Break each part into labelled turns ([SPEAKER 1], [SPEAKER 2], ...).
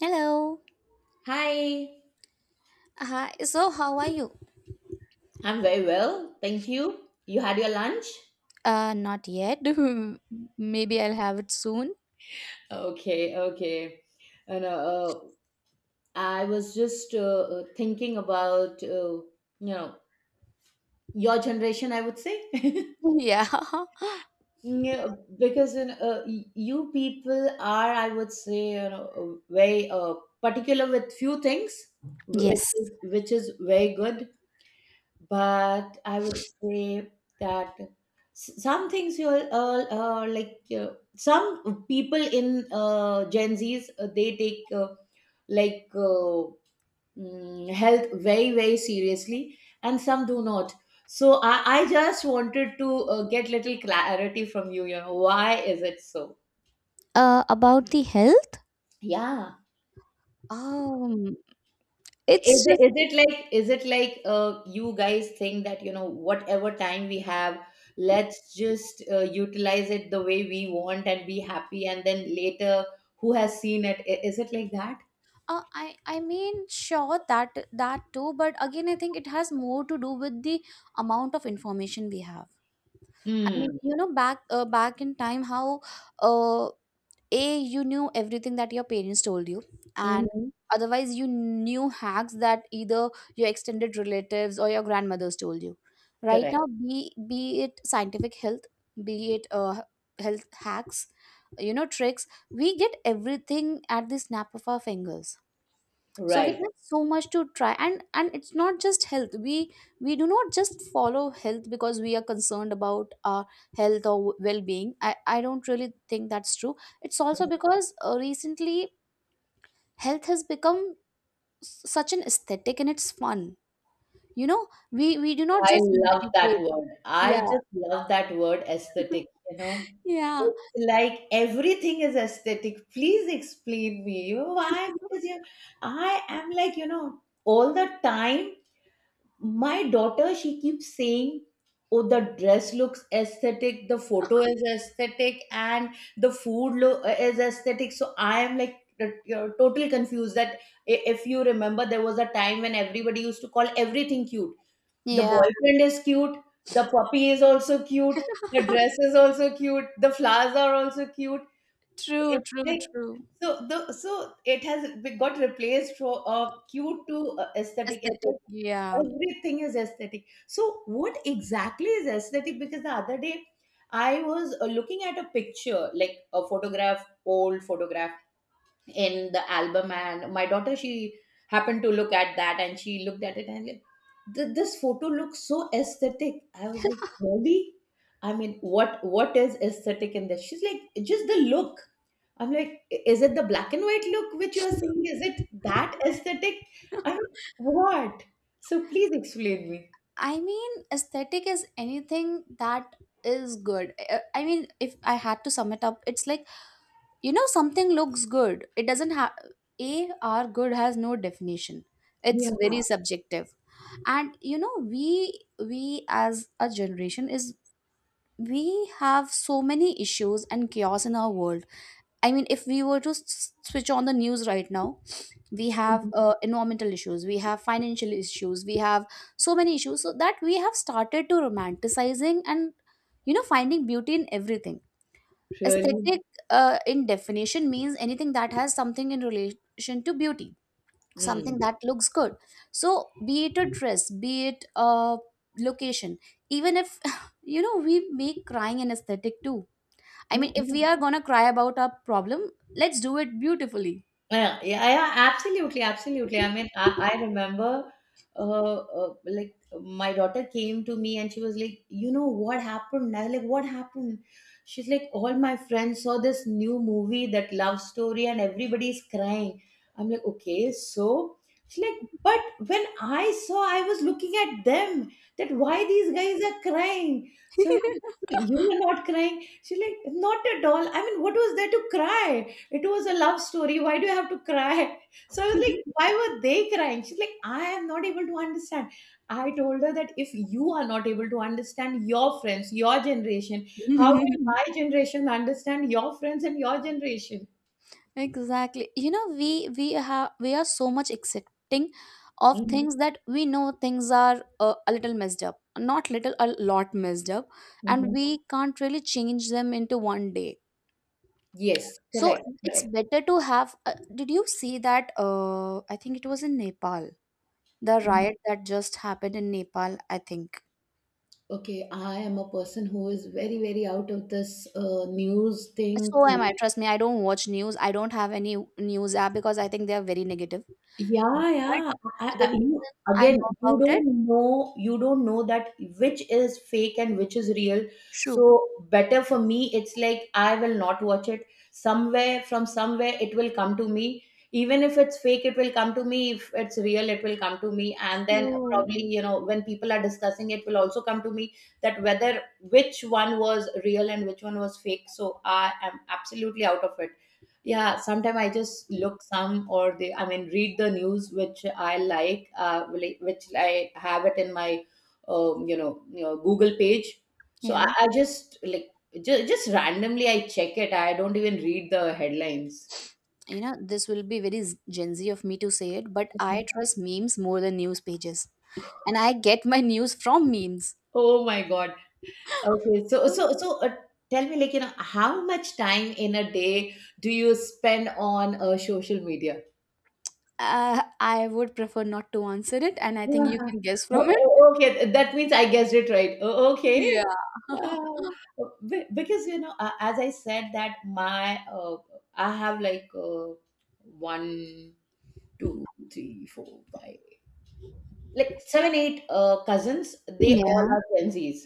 [SPEAKER 1] Hello.
[SPEAKER 2] Hi,
[SPEAKER 1] Hi. So, how are you?
[SPEAKER 2] I'm very well. Thank you. You had your lunch?
[SPEAKER 1] Not yet. Maybe I'll have it soon.
[SPEAKER 2] Okay, okay. And I was just thinking about, know, your generation, I would say.
[SPEAKER 1] Yeah.
[SPEAKER 2] Yeah, because you people are, I would say, very particular with few things, which
[SPEAKER 1] Yes.
[SPEAKER 2] is, which is very good. But I would say that some things you all like some people in Gen Zs they take like uh, health very very seriously, and some do not. So I just wanted to get little clarity from you. You know why is it so?
[SPEAKER 1] About the health?
[SPEAKER 2] Yeah.
[SPEAKER 1] Um, it's just
[SPEAKER 2] Is it like you guys think that you know whatever time we have, let's just utilize it the way we want and be happy, and then later who has seen it? Is it like that?
[SPEAKER 1] I mean sure that too, but again I think it has more to do with the amount of information we have. I mean,
[SPEAKER 2] Mm.
[SPEAKER 1] you know, back in time, how uh a you knew everything that your parents told you, and
[SPEAKER 2] Mm-hmm.
[SPEAKER 1] otherwise you knew hacks that either your extended relatives or your grandmothers told you. Right
[SPEAKER 2] Correct.
[SPEAKER 1] now, be it scientific health, be it health hacks, you know, tricks, we get everything at the snap of our fingers. So we
[SPEAKER 2] Right.
[SPEAKER 1] have so much to try, and it's not just health. We do not just follow health because we are concerned about our health or well-being. I don't really think that's true. It's also because recently health has become such an aesthetic and it's fun, you know. We do not
[SPEAKER 2] I
[SPEAKER 1] just
[SPEAKER 2] love that
[SPEAKER 1] meditate.
[SPEAKER 2] word. I
[SPEAKER 1] Yeah.
[SPEAKER 2] just love that word aesthetic, you know.
[SPEAKER 1] Yeah.
[SPEAKER 2] It's like everything is aesthetic. Please explain me. You know why? Because you I am like, you know, all the time my daughter she keeps saying, "Oh, the dress looks aesthetic, the photo is aesthetic, and the is aesthetic." So I am like, you're totally confused. If you remember, there was a time when everybody used to call everything cute. The
[SPEAKER 1] Yeah.
[SPEAKER 2] boyfriend is cute, the puppy is also cute, the dress is also cute, the flowers are also cute.
[SPEAKER 1] True,
[SPEAKER 2] It's
[SPEAKER 1] true,
[SPEAKER 2] like,
[SPEAKER 1] true.
[SPEAKER 2] so it has got replaced from cute to aesthetic. It's like
[SPEAKER 1] Aesthetic. Yeah.
[SPEAKER 2] everything is aesthetic. So what exactly is aesthetic? Because the other day I was looking at a picture, like a photograph, old photograph in the album, and my daughter she happened to look at that, and she looked at it and like, This photo looks so aesthetic." I was like, really? I mean, what is aesthetic in this? She's like, just the look. I'm like, Is it the black and white look which you are seeing? Is it that aesthetic?" I'm like, what? So please explain me.
[SPEAKER 1] I mean, aesthetic is anything that is good. I mean, if I had to sum it up, it's like, you know, something looks good. It doesn't have, A, our good has no definition.
[SPEAKER 2] Yeah.
[SPEAKER 1] It's very subjective. And, you know, we as a generation is, we have so many issues and chaos in our world. I mean, if we were to switch on the news right now, we have environmental issues, we have financial issues, we have so many issues, so that we have started to romanticizing and, you know, finding beauty in everything.
[SPEAKER 2] Really.
[SPEAKER 1] Aesthetic, in definition, means anything that has something in relation to beauty, something
[SPEAKER 2] Mm.
[SPEAKER 1] that looks good. So be it a dress, be it a location, even if, you know, we make crying an aesthetic too. I mean, if
[SPEAKER 2] Yeah.
[SPEAKER 1] we are gonna cry about our problem, let's do it beautifully.
[SPEAKER 2] Yeah, yeah, yeah, absolutely, absolutely. I mean, I remember, uh, like my daughter came to me and she was like, you know what happened? I was like, what happened? She's like, all my friends saw this new movie, that love story, and everybody's crying. I'm like, okay, so she's like, but when I saw, I was looking at them. That why these guys are crying? So I'm like, "So you were not crying." She's like, not at all. I mean, what was there to cry? It was a love story. Why do you have to cry? So I was like, why were they crying? She's like, I am not able to understand. I told her that if you are not able to understand your friends, your generation, how will my generation understand your friends and your generation?
[SPEAKER 1] Exactly. You know, we have we are so much accepting of
[SPEAKER 2] Hmm.
[SPEAKER 1] things that we know things are a little messed up, not little, a lot messed up, and
[SPEAKER 2] Hmm.
[SPEAKER 1] we can't really change them into one day.
[SPEAKER 2] Yes,
[SPEAKER 1] So
[SPEAKER 2] correct,
[SPEAKER 1] it's
[SPEAKER 2] correct.
[SPEAKER 1] better to have. Did you see that? I think it was in Nepal, the
[SPEAKER 2] Mhm.
[SPEAKER 1] riot that just happened in Nepal. I think.
[SPEAKER 2] Okay, I am a person who is very, very out of this news thing.
[SPEAKER 1] So am I. Trust me, I don't watch news. I don't have any news app because I think they are very negative.
[SPEAKER 2] Yeah,
[SPEAKER 1] But
[SPEAKER 2] yeah.
[SPEAKER 1] the reason I know
[SPEAKER 2] Again,
[SPEAKER 1] about it,
[SPEAKER 2] you don't know that which is fake and which is real.
[SPEAKER 1] true.
[SPEAKER 2] So better for me, it's like I will not watch it. Somewhere from somewhere, it will come to me. Even if it's fake, it will come to me. If it's real, it will come to me. And then
[SPEAKER 1] True.
[SPEAKER 2] probably, you know, when people are discussing, it will also come to me that whether which one was real and which one was fake. So I am absolutely out of it. Yeah, sometimes I just look some or the I mean read the news which I like, which I have it in my you know, Google page. So I,
[SPEAKER 1] Yeah,
[SPEAKER 2] I just like just randomly I check it. I don't even read the headlines.
[SPEAKER 1] you know, this will be very Gen Z of me to say it, but I trust memes more than news pages. And I get my news from memes.
[SPEAKER 2] Oh my God. Okay, so tell me like, you know, how much time in a day do you spend on social media?
[SPEAKER 1] I would prefer not to answer it, and I think you
[SPEAKER 2] uh
[SPEAKER 1] can guess
[SPEAKER 2] O
[SPEAKER 1] from it.
[SPEAKER 2] okay, that means I guessed it right. O okay.
[SPEAKER 1] Yeah.
[SPEAKER 2] Be because, you know, a as I said that my I have like 1, two, three, four, five, like 7, 8 cousins. They all
[SPEAKER 1] Yeah.
[SPEAKER 2] are Gen Zs.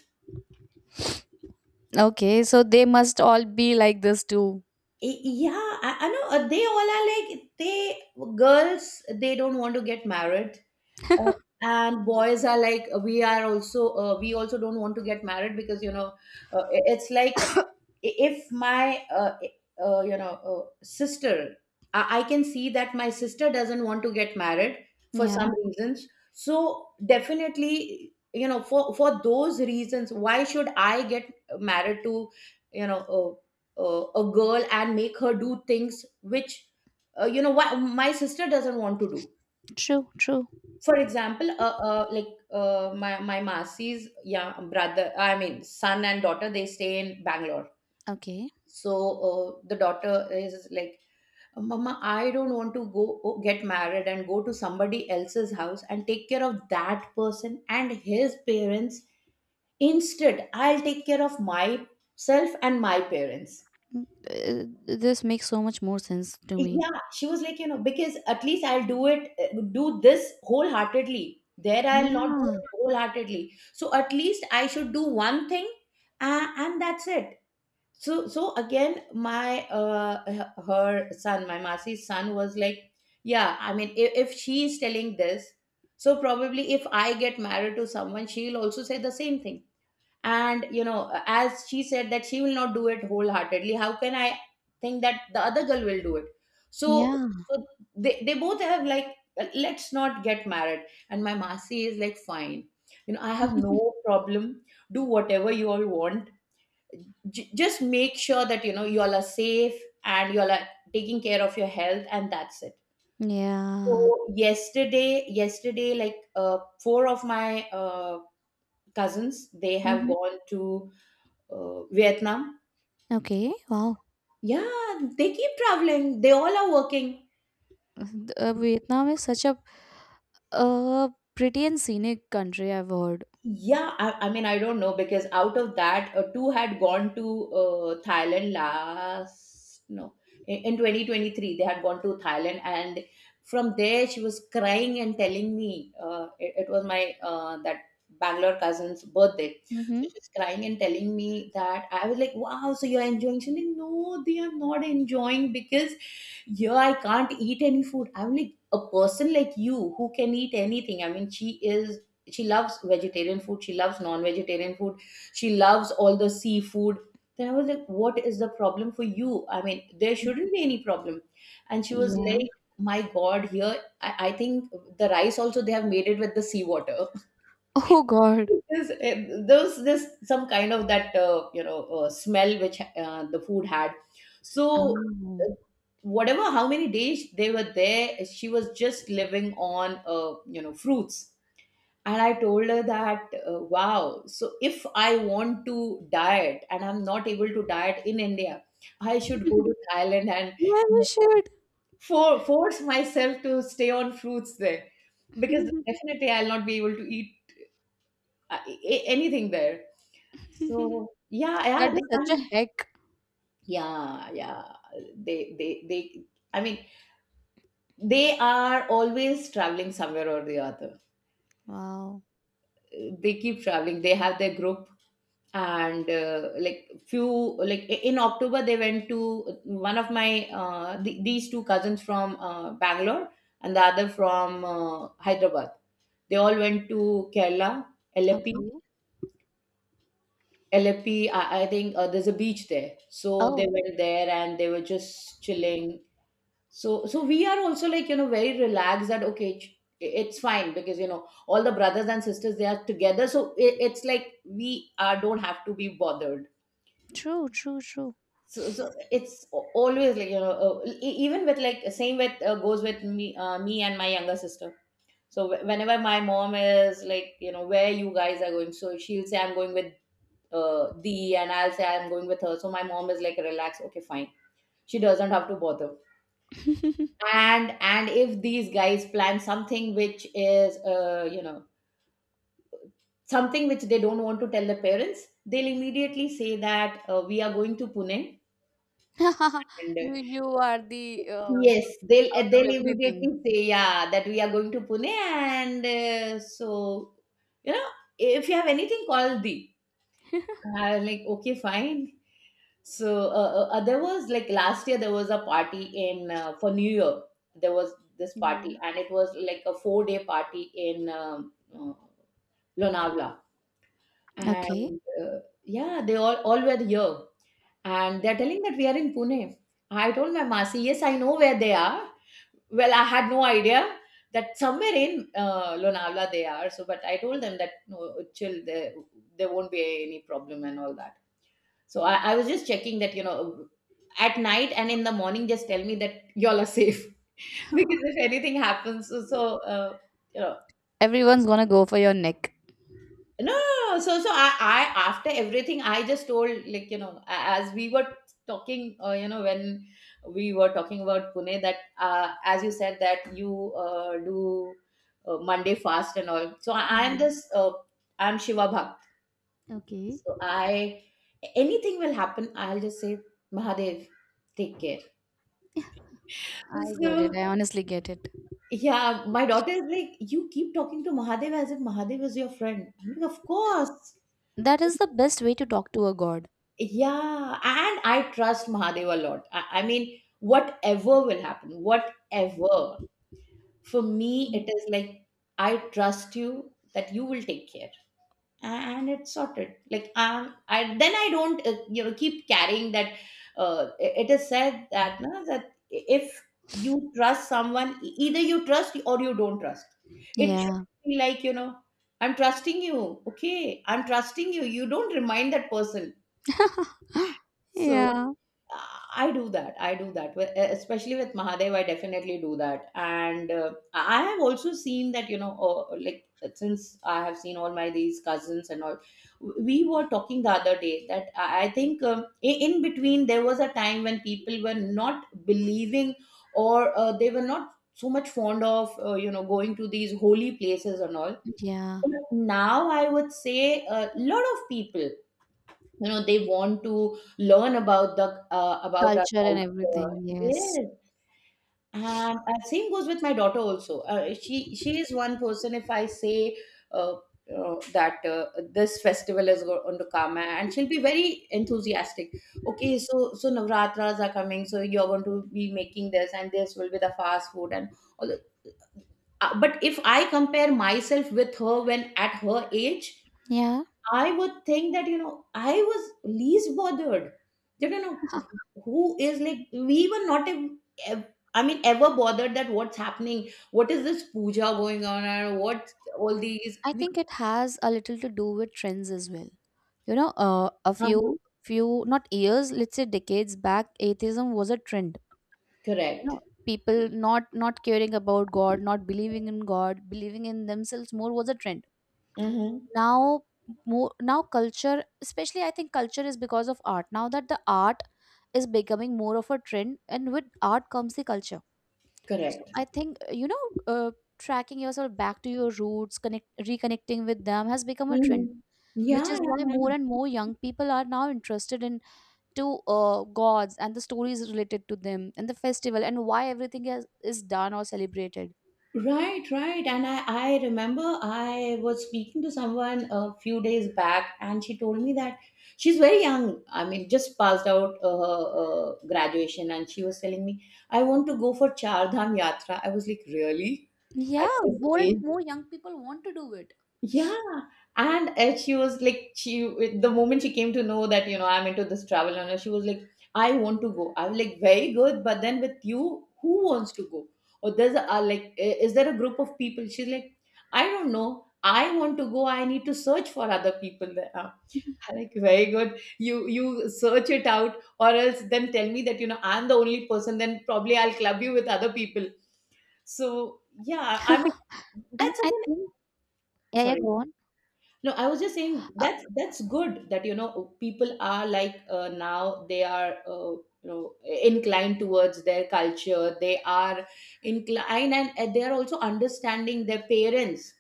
[SPEAKER 1] Okay. So they must all be like this too.
[SPEAKER 2] Yeah, I know. They all are like, they, girls, they don't want to get married. Uh, and boys are like, we are also, we also don't want to get married because, you know, it's like if my sister I can see that my sister doesn't want to get married for
[SPEAKER 1] Yeah.
[SPEAKER 2] some reasons. So definitely, you know, for those reasons, why should I get married to, you know, a, a girl and make her do things which, you know, why my sister doesn't want to do?
[SPEAKER 1] True. True.
[SPEAKER 2] For example, my masi's, yeah, brother, I mean, son and daughter, they stay in Bangalore.
[SPEAKER 1] Okay.
[SPEAKER 2] So the daughter is like, Mama, I don't want to get married and go to somebody else's house and take care of that person and his parents. Instead, I'll take care of myself and my parents.
[SPEAKER 1] Mm, this makes so much more sense to me.
[SPEAKER 2] Yeah, she was like, you know, because at least I'll do it, do this wholeheartedly. There, I'll not do
[SPEAKER 1] Yeah.
[SPEAKER 2] it wholeheartedly. So at least I should do one thing, and that's it. So so again, my her son, my masi's son was like, yeah, I mean, if she is telling this, so probably if I get married to someone, she'll also say the same thing. And you know, as she said that she will not do it wholeheartedly, how can I think that the other girl will do it? So
[SPEAKER 1] Yeah.
[SPEAKER 2] so they both have like, let's not get married. And my masi is like, fine, you know, I have no problem, do whatever you all want. Just make sure that, you know, you all are safe and you all are taking care of your health, and that's it.
[SPEAKER 1] Yeah.
[SPEAKER 2] So yesterday, yesterday, like, four of my cousins, they have
[SPEAKER 1] Hmm.
[SPEAKER 2] gone to Vietnam.
[SPEAKER 1] Okay. Wow.
[SPEAKER 2] Yeah, they keep traveling, they all are working.
[SPEAKER 1] Vietnam is such a uh, pretty and scenic country, I've heard.
[SPEAKER 2] Yeah, I mean, I don't know because out of that, two had gone to Thailand last, no, in 2023, they had gone to Thailand. And from there, she was crying and telling me, it was my, that Bangalore cousin's birthday.
[SPEAKER 1] Mm-hmm.
[SPEAKER 2] So she was crying and telling me that I was like, wow, so you're enjoying? She's like, no, they are not enjoying because yeah, I can't eat any food. I'm like, a person like you who can eat anything. I mean, she is, she loves vegetarian food, she loves non-vegetarian food, she loves all the seafood. Then I was like, what is the problem for you? I mean, there shouldn't be any problem. And she was
[SPEAKER 1] Yeah.
[SPEAKER 2] like, my God, here, I think the rice also they have made it with the seawater.
[SPEAKER 1] Oh, God.
[SPEAKER 2] Yes, eh, there was this some kind of that smell which the food had. So,
[SPEAKER 1] Oh.
[SPEAKER 2] uh, whatever how many days they were there, she was just living on, fruits. And I told her that, wow, so if I want to diet and I'm not able to diet in India, I should go to Thailand and,
[SPEAKER 1] Yeah,
[SPEAKER 2] you
[SPEAKER 1] we
[SPEAKER 2] know,
[SPEAKER 1] should.
[SPEAKER 2] force myself to stay on fruits there because definitely I'll not be able to eat anything there. So yeah
[SPEAKER 1] That
[SPEAKER 2] yeah they,
[SPEAKER 1] was
[SPEAKER 2] I
[SPEAKER 1] such a
[SPEAKER 2] mean,
[SPEAKER 1] heck.
[SPEAKER 2] yeah yeah they they, I mean, they are always traveling somewhere or the other.
[SPEAKER 1] Wow.
[SPEAKER 2] They keep traveling, they have their group. And like few, like, in October they went to one of my, these two cousins from Bangalore and the other from Hyderabad, they all went to Kerala, Alleppey.
[SPEAKER 1] Okay.
[SPEAKER 2] Alleppey, I think there's a beach there. So they
[SPEAKER 1] Oh.
[SPEAKER 2] went there and they were just chilling. So, so we are also like, you know, very relaxed that, okay, it's fine because, you know, all the brothers and sisters, they are together. So it, it's like we are, don't have to be bothered.
[SPEAKER 1] True, true, true.
[SPEAKER 2] So, so it's always like, you know, even with, like, same with, goes with me, me and my younger sister. So whenever my mom is like, you know, where you guys are going, so she'll say, I'm going with, and I'll say, I'm going with her. So my mom is like, relax. Okay, fine. She doesn't have to bother and if these guys plan something which is you know, something which they don't want to tell the parents, they'll immediately say that we are going to Pune, and
[SPEAKER 1] You are the
[SPEAKER 2] yes,
[SPEAKER 1] tick
[SPEAKER 2] they'll uh,
[SPEAKER 1] out of
[SPEAKER 2] they'll
[SPEAKER 1] everything.
[SPEAKER 2] immediately say, yeah, that we are going to Pune, and so, you know, if you have anything, call Di. I was like, okay, fine. So, there was, like, last year there was a party in, for New Year. There was this
[SPEAKER 1] Yeah.
[SPEAKER 2] party, and it was like a 4-day party in Lonavala.
[SPEAKER 1] Okay.
[SPEAKER 2] And Yeah, they all were here, and they're telling that we are in Pune. I told my Masi, yes, I know where they are. Well, I had no idea that somewhere in Lonavala they are. So, but I told them that no, chill, there won't be any problem and all that. So I was just checking that, you know, at night and in the morning, just tell me that y'all are safe. Because if anything happens, you know,
[SPEAKER 1] Everyone's gonna go for your neck.
[SPEAKER 2] no, no, no. No. So I, after everything, I just told, like, you know, as we were talking, when we were talking about Pune, that as you said, that you do Monday fast and all. So
[SPEAKER 1] Hmm.
[SPEAKER 2] I'm Shiva Bhakt.
[SPEAKER 1] Okay.
[SPEAKER 2] So anything will happen, I'll just say, Mahadev, take care.
[SPEAKER 1] I get
[SPEAKER 2] So,
[SPEAKER 1] it. I honestly get it.
[SPEAKER 2] yeah, my daughter is like, you keep talking to Mahadev as if Mahadev is your friend. I'm like, of course.
[SPEAKER 1] That is the best way to talk to a god.
[SPEAKER 2] Yeah. And I trust Mahadev a lot. I mean, whatever will happen, whatever. For me,
[SPEAKER 1] Mm.
[SPEAKER 2] it is like, I trust you that you will take care. And it's sorted, like, I then I don't you know, keep carrying that. It is said that no, that if you trust someone, either you trust or you don't trust. It
[SPEAKER 1] Yeah.
[SPEAKER 2] shouldn't be like, you know, I'm trusting you, okay, I'm trusting you, you don't remind that person. So
[SPEAKER 1] Yeah.
[SPEAKER 2] I do that. I do that. Especially with Mahadev, I definitely do that. And I have also seen that, you know, like, since I have seen all my these cousins and all, we were talking the other day that I think in between there was a time when people were not believing, or they were not so much fond of, you know, going to these holy places and all.
[SPEAKER 1] Yeah.
[SPEAKER 2] But now I would say a lot of people, you know, they want to learn about the about our
[SPEAKER 1] Culture and
[SPEAKER 2] culture,
[SPEAKER 1] everything. Yes.
[SPEAKER 2] yes. And same goes with my daughter also. She is one person. If I say uh, that this festival is going to come, and she'll be very enthusiastic. Okay, so Navratras are coming, so you're going to be making this, and this will be the fast food and all the, but if I compare myself with her, when at her age,
[SPEAKER 1] Yeah.
[SPEAKER 2] I would think that, you know, I was least bothered. That, you know, who is like, we were not, ev- I mean, ever bothered that what's happening, what is this puja going on, and what all these.
[SPEAKER 1] I
[SPEAKER 2] We,
[SPEAKER 1] think it has a little to do with trends as well. You know, uh, a
[SPEAKER 2] uh-huh.
[SPEAKER 1] few few, not years, let's say decades back, atheism was a trend. You
[SPEAKER 2] Correct.
[SPEAKER 1] know, people not caring about God, not believing in God, believing in themselves more was a trend.
[SPEAKER 2] Mm-hmm.
[SPEAKER 1] Now, more now culture, especially I think culture is because of art. Now that the art is becoming more of a trend, and with art comes the culture. So
[SPEAKER 2] Correct.
[SPEAKER 1] I think you know, tracking yourself back to your roots, connect reconnecting with them has become a trend,
[SPEAKER 2] Mm-hmm.
[SPEAKER 1] which
[SPEAKER 2] Yeah,
[SPEAKER 1] is
[SPEAKER 2] yeah,
[SPEAKER 1] why more
[SPEAKER 2] yeah.
[SPEAKER 1] and more young people are now interested in to gods and the stories related to them and the festival and why everything is done or celebrated.
[SPEAKER 2] Right, right. And I remember I was speaking to someone a few days back, and she told me that she's very young. I mean, just passed out her graduation, and she was telling me, I want to go for Char Dham Yatra. I was like, really?
[SPEAKER 1] Yeah,
[SPEAKER 2] At this
[SPEAKER 1] more and
[SPEAKER 2] age?
[SPEAKER 1] more young people want to do it.
[SPEAKER 2] Yeah. And She was like, she the moment she came to know that, you know, I'm into this travel and all, she was like, I want to go. I'm like, very good. But then with you, who wants to go? Or there's a, like, is there a group of people? She's like, I don't know. I want to go. I need to search for other people there. I'm like, very good. You search it out, or else then tell me that, you know, I'm the only person. Then probably I'll club you with other people. So yeah, I mean,
[SPEAKER 1] And
[SPEAKER 2] that's
[SPEAKER 1] I
[SPEAKER 2] again.
[SPEAKER 1] think, yeah, yeah,
[SPEAKER 2] Sorry.
[SPEAKER 1] go on.
[SPEAKER 2] No, I was just saying
[SPEAKER 1] Uh,
[SPEAKER 2] that's good that, you know, people are like, now they are, you know, inclined towards their culture. They are inclined, and they are also understanding their parents.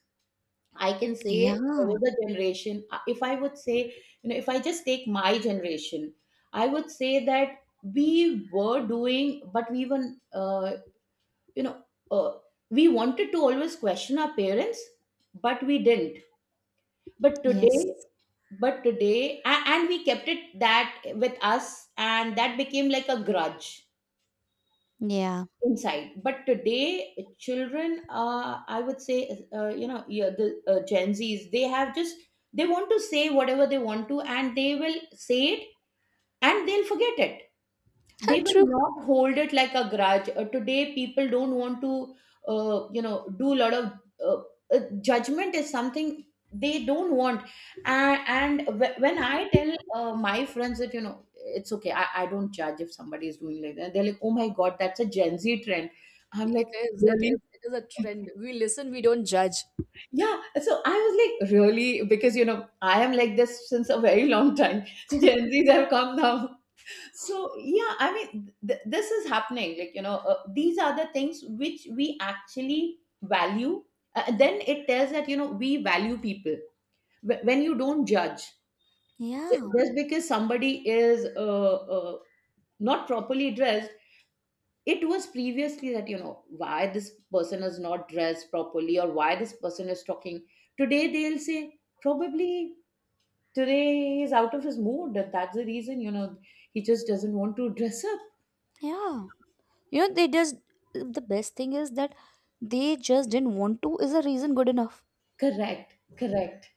[SPEAKER 2] I can say
[SPEAKER 1] Yeah,
[SPEAKER 2] there was a generation. If I would say, you know, if I just take my generation, I would say that we were doing, but we were, uh, you know uh, we wanted to always question our parents, but we didn't. but
[SPEAKER 1] yes,
[SPEAKER 2] today but today, and we kept it that with us, and that became like a grudge
[SPEAKER 1] yeah,
[SPEAKER 2] inside. But today, children, I would say, you know, yeah, the Gen Z's, they have just they want to say whatever they want to, and they will say it, and they'll forget it. They will
[SPEAKER 1] true.
[SPEAKER 2] not hold it like a grudge. Today, people don't want to, you know, do a lot of uh, judgment is something they don't want. And, and when I tell my friends that, you know, it's okay, I don't judge if somebody is doing like that. They're like, oh my god, that's a Gen Z trend. I'm
[SPEAKER 1] It
[SPEAKER 2] like,
[SPEAKER 1] is. It
[SPEAKER 2] really?
[SPEAKER 1] is. It is a trend. We listen. We don't judge.
[SPEAKER 2] Yeah, so I was like, really? Because, you know, I am like this since a very long time. Gen Zs have come now. So yeah, I mean, this is happening, like, you know, these are the things which we actually value. Then it tells that, you know, we value people. When you don't judge, ju-
[SPEAKER 1] Yeah,
[SPEAKER 2] just because somebody is not properly dressed. It was previously that, you know, why this person is not dressed properly, or why this person is talking. Today they'll say, probably today he's out of his mood, that's the reason, you know, he just doesn't want to dress up.
[SPEAKER 1] yeah. You know, they just, the best thing is that they just didn't want to, is a reason good enough.
[SPEAKER 2] Correct, correct.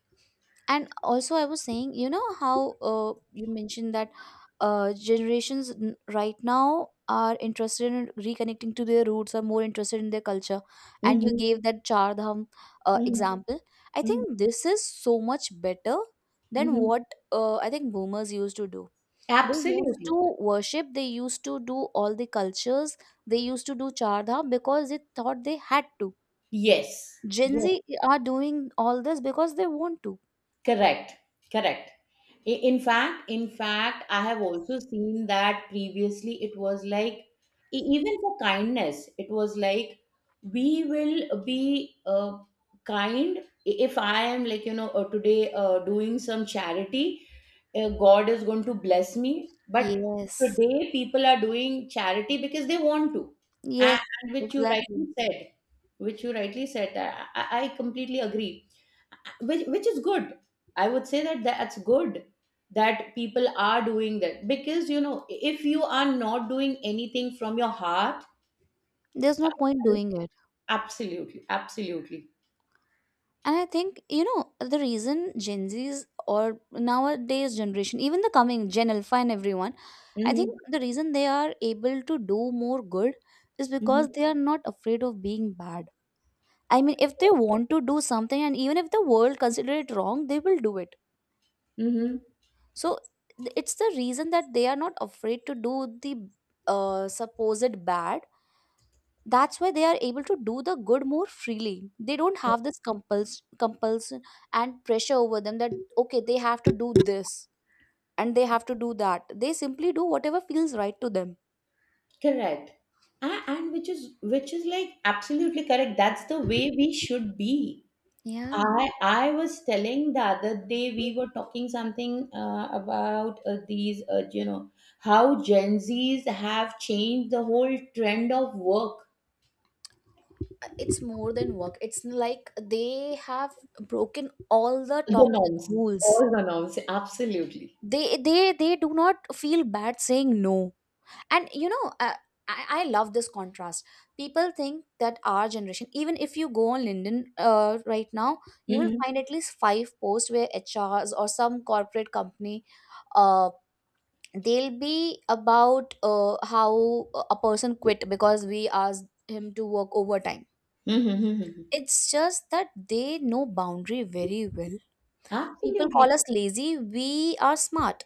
[SPEAKER 1] And also I was saying, you know, how uh, you mentioned that generations right now are interested in reconnecting to their roots, are more interested in their culture, and you
[SPEAKER 2] Mm-hmm.
[SPEAKER 1] gave that Char Dham, mhm,
[SPEAKER 2] Mm-hmm.
[SPEAKER 1] example. I
[SPEAKER 2] Mm-hmm.
[SPEAKER 1] think this is so much better than
[SPEAKER 2] Mhm.
[SPEAKER 1] what I think boomers used to do. They used
[SPEAKER 2] Absolutely.
[SPEAKER 1] to worship, they used to do all the cultures, they used to do Char Dham because they thought they had to.
[SPEAKER 2] Yes.
[SPEAKER 1] Gen Z are doing all this because they want to.
[SPEAKER 2] Correct, correct. In fact, I have also seen that previously it was like, even for kindness, it was like, we will be, kind. If I am like, you know, today doing some charity, God is going to bless me. But
[SPEAKER 1] Yes.
[SPEAKER 2] today people are doing charity because they want to. A-
[SPEAKER 1] Yes,
[SPEAKER 2] And which you rightly
[SPEAKER 1] exactly.
[SPEAKER 2] said, which you rightly said, I, I completely agree, which is good. I would say that that's good that people are doing that because, you know, if you are not doing anything from your heart.
[SPEAKER 1] There's no point doing it.
[SPEAKER 2] Absolutely, absolutely.
[SPEAKER 1] And I think, you know, the reason Gen Zs or nowadays generation, even the coming Gen Alpha and everyone, I think
[SPEAKER 2] Hmm.
[SPEAKER 1] the reason they are able to do more good is
[SPEAKER 2] Hmm.
[SPEAKER 1] because they are not afraid of being bad. I mean, if they want to do something and even if the world consider it wrong, they will do it.
[SPEAKER 2] Hmm.
[SPEAKER 1] So it's the reason that they are not afraid to do the supposed bad. That's why they are able to do the good more freely. They don't have this compulsion and pressure over them that okay they have to do this and they have to do that. They simply do whatever feels right to them.
[SPEAKER 2] Correct. And which is like, absolutely correct. That's the way we should be.
[SPEAKER 1] Yeah,
[SPEAKER 2] I was telling the other day, we were talking something about these, you know, how Gen Zs have changed the whole trend of work,
[SPEAKER 1] it's more than work. It's like they have broken all the
[SPEAKER 2] the
[SPEAKER 1] toxic
[SPEAKER 2] norms,
[SPEAKER 1] rules.
[SPEAKER 2] all the norms, absolutely.
[SPEAKER 1] they they they do not feel bad saying no. And you know, I love this contrast. People think that our generation, even if you go on LinkedIn right now, you will
[SPEAKER 2] Hmm.
[SPEAKER 1] find at least five posts where HRs or some corporate company, uh, they'll be about how a person quit because we asked him to work overtime.
[SPEAKER 2] Hmm.
[SPEAKER 1] It's just that they know boundary very well. People
[SPEAKER 2] Absolutely
[SPEAKER 1] call us lazy, we are smart.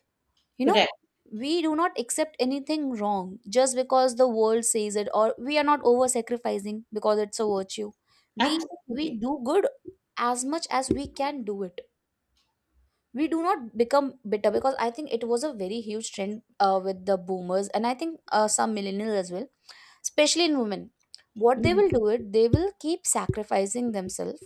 [SPEAKER 1] You know,
[SPEAKER 2] correct.
[SPEAKER 1] we do not accept anything wrong just because the world says it, or we are not over sacrificing because it's a virtue. We we
[SPEAKER 2] Absolutely.
[SPEAKER 1] do good as much as we can do it. We do not become bitter because I think it was a very huge trend with the boomers and I think some millennials as well, especially in women. What they
[SPEAKER 2] Mhm.
[SPEAKER 1] will do it, they will keep sacrificing themselves,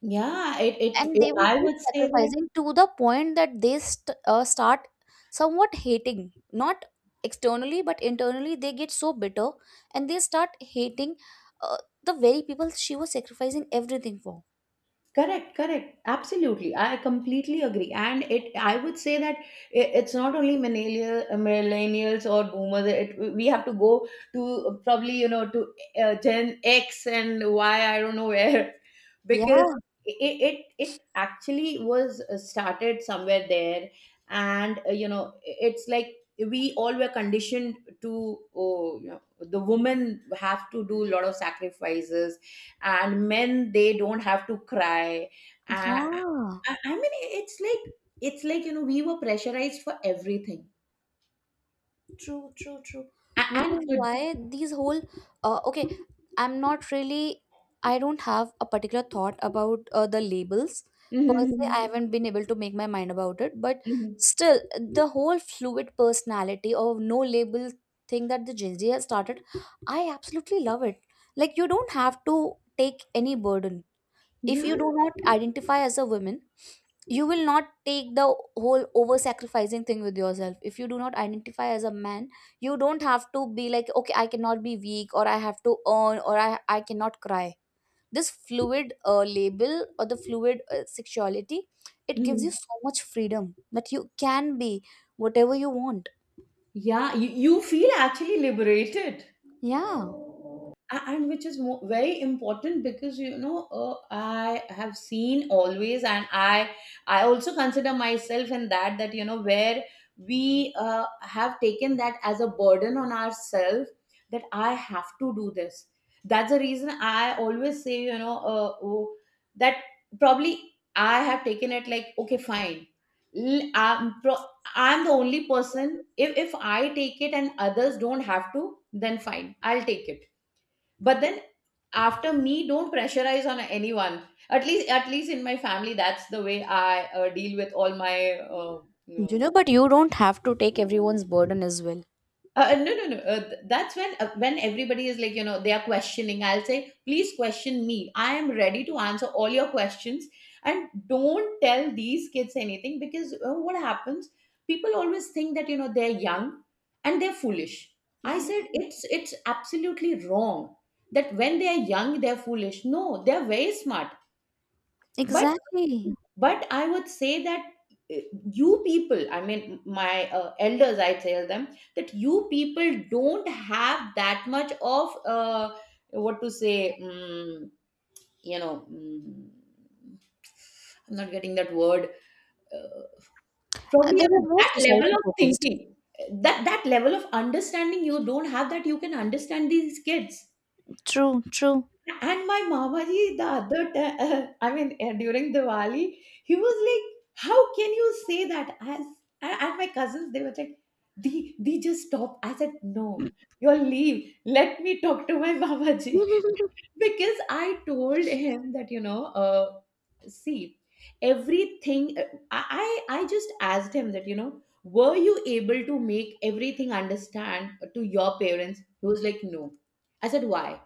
[SPEAKER 2] Yeah, it, it
[SPEAKER 1] and
[SPEAKER 2] it
[SPEAKER 1] they will
[SPEAKER 2] I
[SPEAKER 1] keep
[SPEAKER 2] would say that.
[SPEAKER 1] sacrificing to the point that they start somewhat hating, not externally but internally. They get so bitter and they start hating uh, the very people she was sacrificing everything for.
[SPEAKER 2] Correct, correct. Absolutely. I completely agree. And I would say that it's not only millennials or boomers. We have to go to, probably, you know, to Gen X and Y, I don't know where, because
[SPEAKER 1] Yeah.
[SPEAKER 2] it actually was started somewhere there. And, you know, it's like we all were conditioned to, oh, you know, the women have to do a lot of sacrifices, and men, they don't have to cry. uh,
[SPEAKER 1] Yeah.
[SPEAKER 2] I mean, it's like it's like, you know, we were pressurized for everything.
[SPEAKER 1] True, true, true.
[SPEAKER 2] A-
[SPEAKER 1] Which
[SPEAKER 2] and
[SPEAKER 1] is
[SPEAKER 2] to-
[SPEAKER 1] why these whole okay, I'm not really, I don't have a particular thought about the labels per se. I
[SPEAKER 2] Mhm,
[SPEAKER 1] haven't been able to make my mind about it, but
[SPEAKER 2] mhm.
[SPEAKER 1] still, the whole fluid personality or no label thing that the Gen Z has started, I absolutely love it. Like you don't have to take any burden. If
[SPEAKER 2] Yeah.
[SPEAKER 1] you do not identify as a woman, you will not take the whole over sacrificing thing with yourself. If you do not identify as a man, you don't have to be like, okay, I cannot be weak, or I have to earn, or I cannot cry. This fluid label or the fluid sexuality, it gives
[SPEAKER 2] Mhm.
[SPEAKER 1] you so much freedom that you can be whatever you want.
[SPEAKER 2] Yeah, you feel actually liberated.
[SPEAKER 1] Yeah,
[SPEAKER 2] And which is mo very important because, you know, I have seen always, and I also consider myself in that, that, you know, where we, have taken that as a burden on ourselves, that I have to do this. That's the reason I always say, you know, oh, that, probably I have taken it like, okay, fine. L- I'm, pro- I'm the only person. If I take it and others don't have to, then fine, I'll take it. But then after me, don't pressurize on anyone. At least in my family, that's the way I deal with all my
[SPEAKER 1] you know, but you don't have to take everyone's burden as well.
[SPEAKER 2] No, no, no. That's when when everybody is like, you know, they are questioning. I'll say, please question me, I am ready to answer all your questions, and don't tell these kids anything because, what happens? People always think that, you know, they're young and they're foolish. I
[SPEAKER 1] Yeah,
[SPEAKER 2] said, it's absolutely wrong that when they are young they're foolish. No, they're very smart
[SPEAKER 1] exactly.
[SPEAKER 2] but I would say that uh, you people, I mean my elders, I tell them that you people don't have that much of what to say, you know, I'm not getting that word. Uh, Probably,
[SPEAKER 1] They
[SPEAKER 2] you know,
[SPEAKER 1] were more
[SPEAKER 2] that level
[SPEAKER 1] society
[SPEAKER 2] of
[SPEAKER 1] focused.
[SPEAKER 2] thinking, that level of understanding, you don't have that you can understand these kids.
[SPEAKER 1] True, true.
[SPEAKER 2] And my Mama ji, the other time, I mean, during Diwali, he was like, "How can you say that?" As and my cousins, they were like, "Di, Di, just stop." I said, "No, you'll leave. Let me talk to my Mama ji." Because I told him that, see, everything, I just asked him that, you know, were you able to make everything understand to your parents? He was like, "No." I said, "Why?"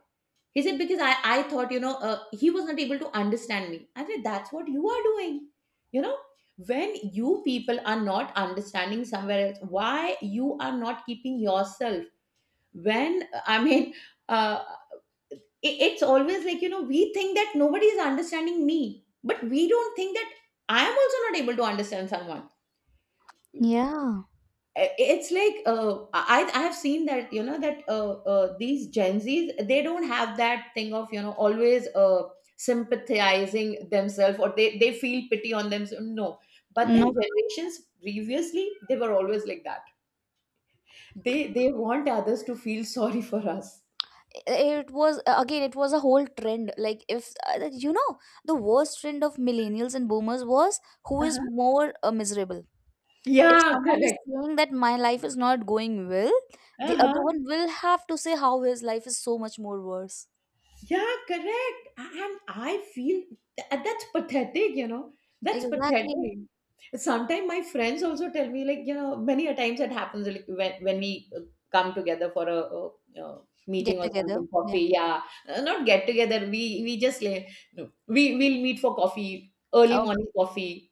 [SPEAKER 2] He said, because I thought, he was not able to understand me. I said, that's what you are doing. You know, when you people are not understanding somewhere else, why you are not keeping yourself? When, uh, I mean, uh, it's always like, you know, we think that nobody is understanding me, but we don't think that I am also not able to understand someone.
[SPEAKER 1] Yeah.
[SPEAKER 2] It's like I have seen that, you know, that these Gen Z's, they don't have that thing of, you know, always sympathizing themselves, or they feel pity on themselves. No, but then
[SPEAKER 1] No.
[SPEAKER 2] generations previously, they were always like that. They want others to feel sorry for us.
[SPEAKER 1] It was again, it was a whole trend. Like if, you know, the worst trend of millennials and boomers was who is
[SPEAKER 2] Uh-huh.
[SPEAKER 1] more miserable. If
[SPEAKER 2] Yeah,
[SPEAKER 1] someone is
[SPEAKER 2] correct.
[SPEAKER 1] saying that my life is not going well, the
[SPEAKER 2] Uh-huh.
[SPEAKER 1] other one will have to say how his life is so much more worse.
[SPEAKER 2] Yeah, correct. And I feel that, that's pathetic, you know. That's
[SPEAKER 1] Exactly.
[SPEAKER 2] pathetic. Sometimes my friends also tell me, like, you know, many a times it happens like when we come together for a, uh
[SPEAKER 1] Get
[SPEAKER 2] meeting or
[SPEAKER 1] together,
[SPEAKER 2] something,
[SPEAKER 1] yeah.
[SPEAKER 2] coffee, yeah. Not get together. We just like, no, we'll meet for coffee, early
[SPEAKER 1] Oh.
[SPEAKER 2] morning coffee,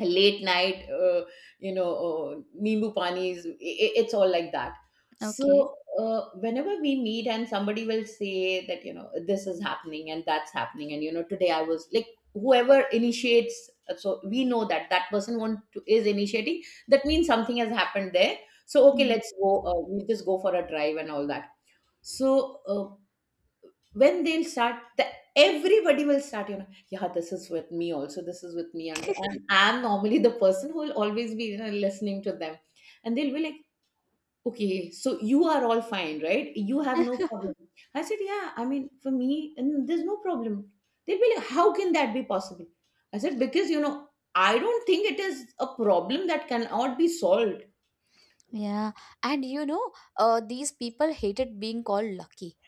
[SPEAKER 2] late night you know, nimbu panis, it's all like that. So
[SPEAKER 1] Okay.
[SPEAKER 2] whenever we meet and somebody will say that, you know, this is happening and that's happening, and you know, today I was like, whoever initiates, so we know that that person want to, is initiating, that means something has happened there. So okay,
[SPEAKER 1] Yeah.
[SPEAKER 2] let's go we just go for a drive and all that. So when they'll start the everybody will start, you know, yeah, this is with me also, this is with me, and I'm normally the person who will always be, you know, listening to them. And they'll be like, okay, so you are all fine, right? You have no problem. I said, yeah, I mean, for me and there's no problem. They'll be like, how can that be possible? I said, because you know, I don't think it is a problem that cannot be solved.
[SPEAKER 1] Yeah. And you know these people hated being called lucky.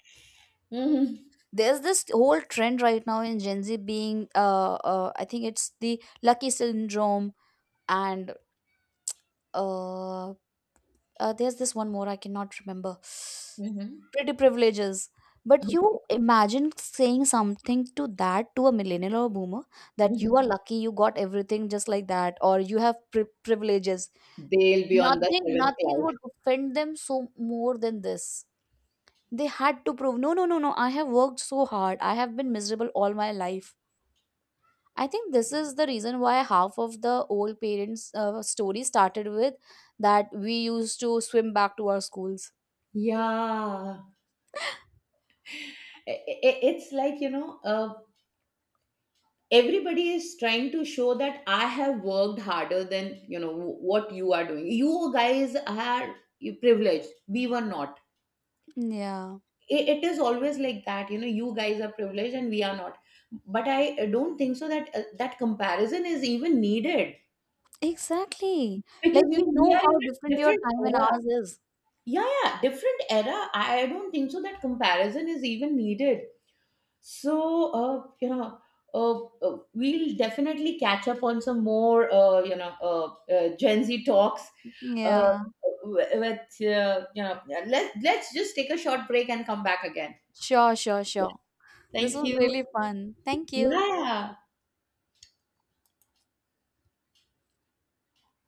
[SPEAKER 2] Mhm.
[SPEAKER 1] There's this whole trend right now in Gen Z being I think it's the lucky syndrome. And uh, there's this one more I cannot remember.
[SPEAKER 2] Mhm.
[SPEAKER 1] Pretty privileges. But you imagine saying something to that to a millennial or boomer, that you are lucky, you got everything just like that, or you have privileges.
[SPEAKER 2] They'll be on the
[SPEAKER 1] Nothing,
[SPEAKER 2] seventh
[SPEAKER 1] nothing
[SPEAKER 2] cloud.
[SPEAKER 1] would offend them so more than this. They had to prove, no no no no, I have worked so hard, I have been miserable all my life. I think this is the reason why half of the old parents' story started with that we used to swim back to our schools.
[SPEAKER 2] Yeah. I- it's like, you know, everybody is trying to show that I have worked harder than, you know, what you are doing. You guys are privileged, we were not.
[SPEAKER 1] Yeah,
[SPEAKER 2] It is always like that, you know, you guys are privileged and we are not. But I don't think so that that comparison is even needed,
[SPEAKER 1] exactly.
[SPEAKER 2] because
[SPEAKER 1] Like
[SPEAKER 2] you
[SPEAKER 1] we
[SPEAKER 2] know, we
[SPEAKER 1] know
[SPEAKER 2] are in
[SPEAKER 1] how
[SPEAKER 2] a
[SPEAKER 1] different your
[SPEAKER 2] different
[SPEAKER 1] time and
[SPEAKER 2] era.
[SPEAKER 1] ours is.
[SPEAKER 2] Yeah, yeah, different era. I don't think so that comparison is even needed. So, you know, uh, we'll definitely catch up on some more, you know, Gen Z talks.
[SPEAKER 1] Yeah,
[SPEAKER 2] Yeah. With you know, let's just take a short break and come back again.
[SPEAKER 1] sure, sure,
[SPEAKER 2] Yeah.
[SPEAKER 1] sure. This
[SPEAKER 2] Thank
[SPEAKER 1] was
[SPEAKER 2] you.
[SPEAKER 1] really fun. Thank you.
[SPEAKER 2] Yeah.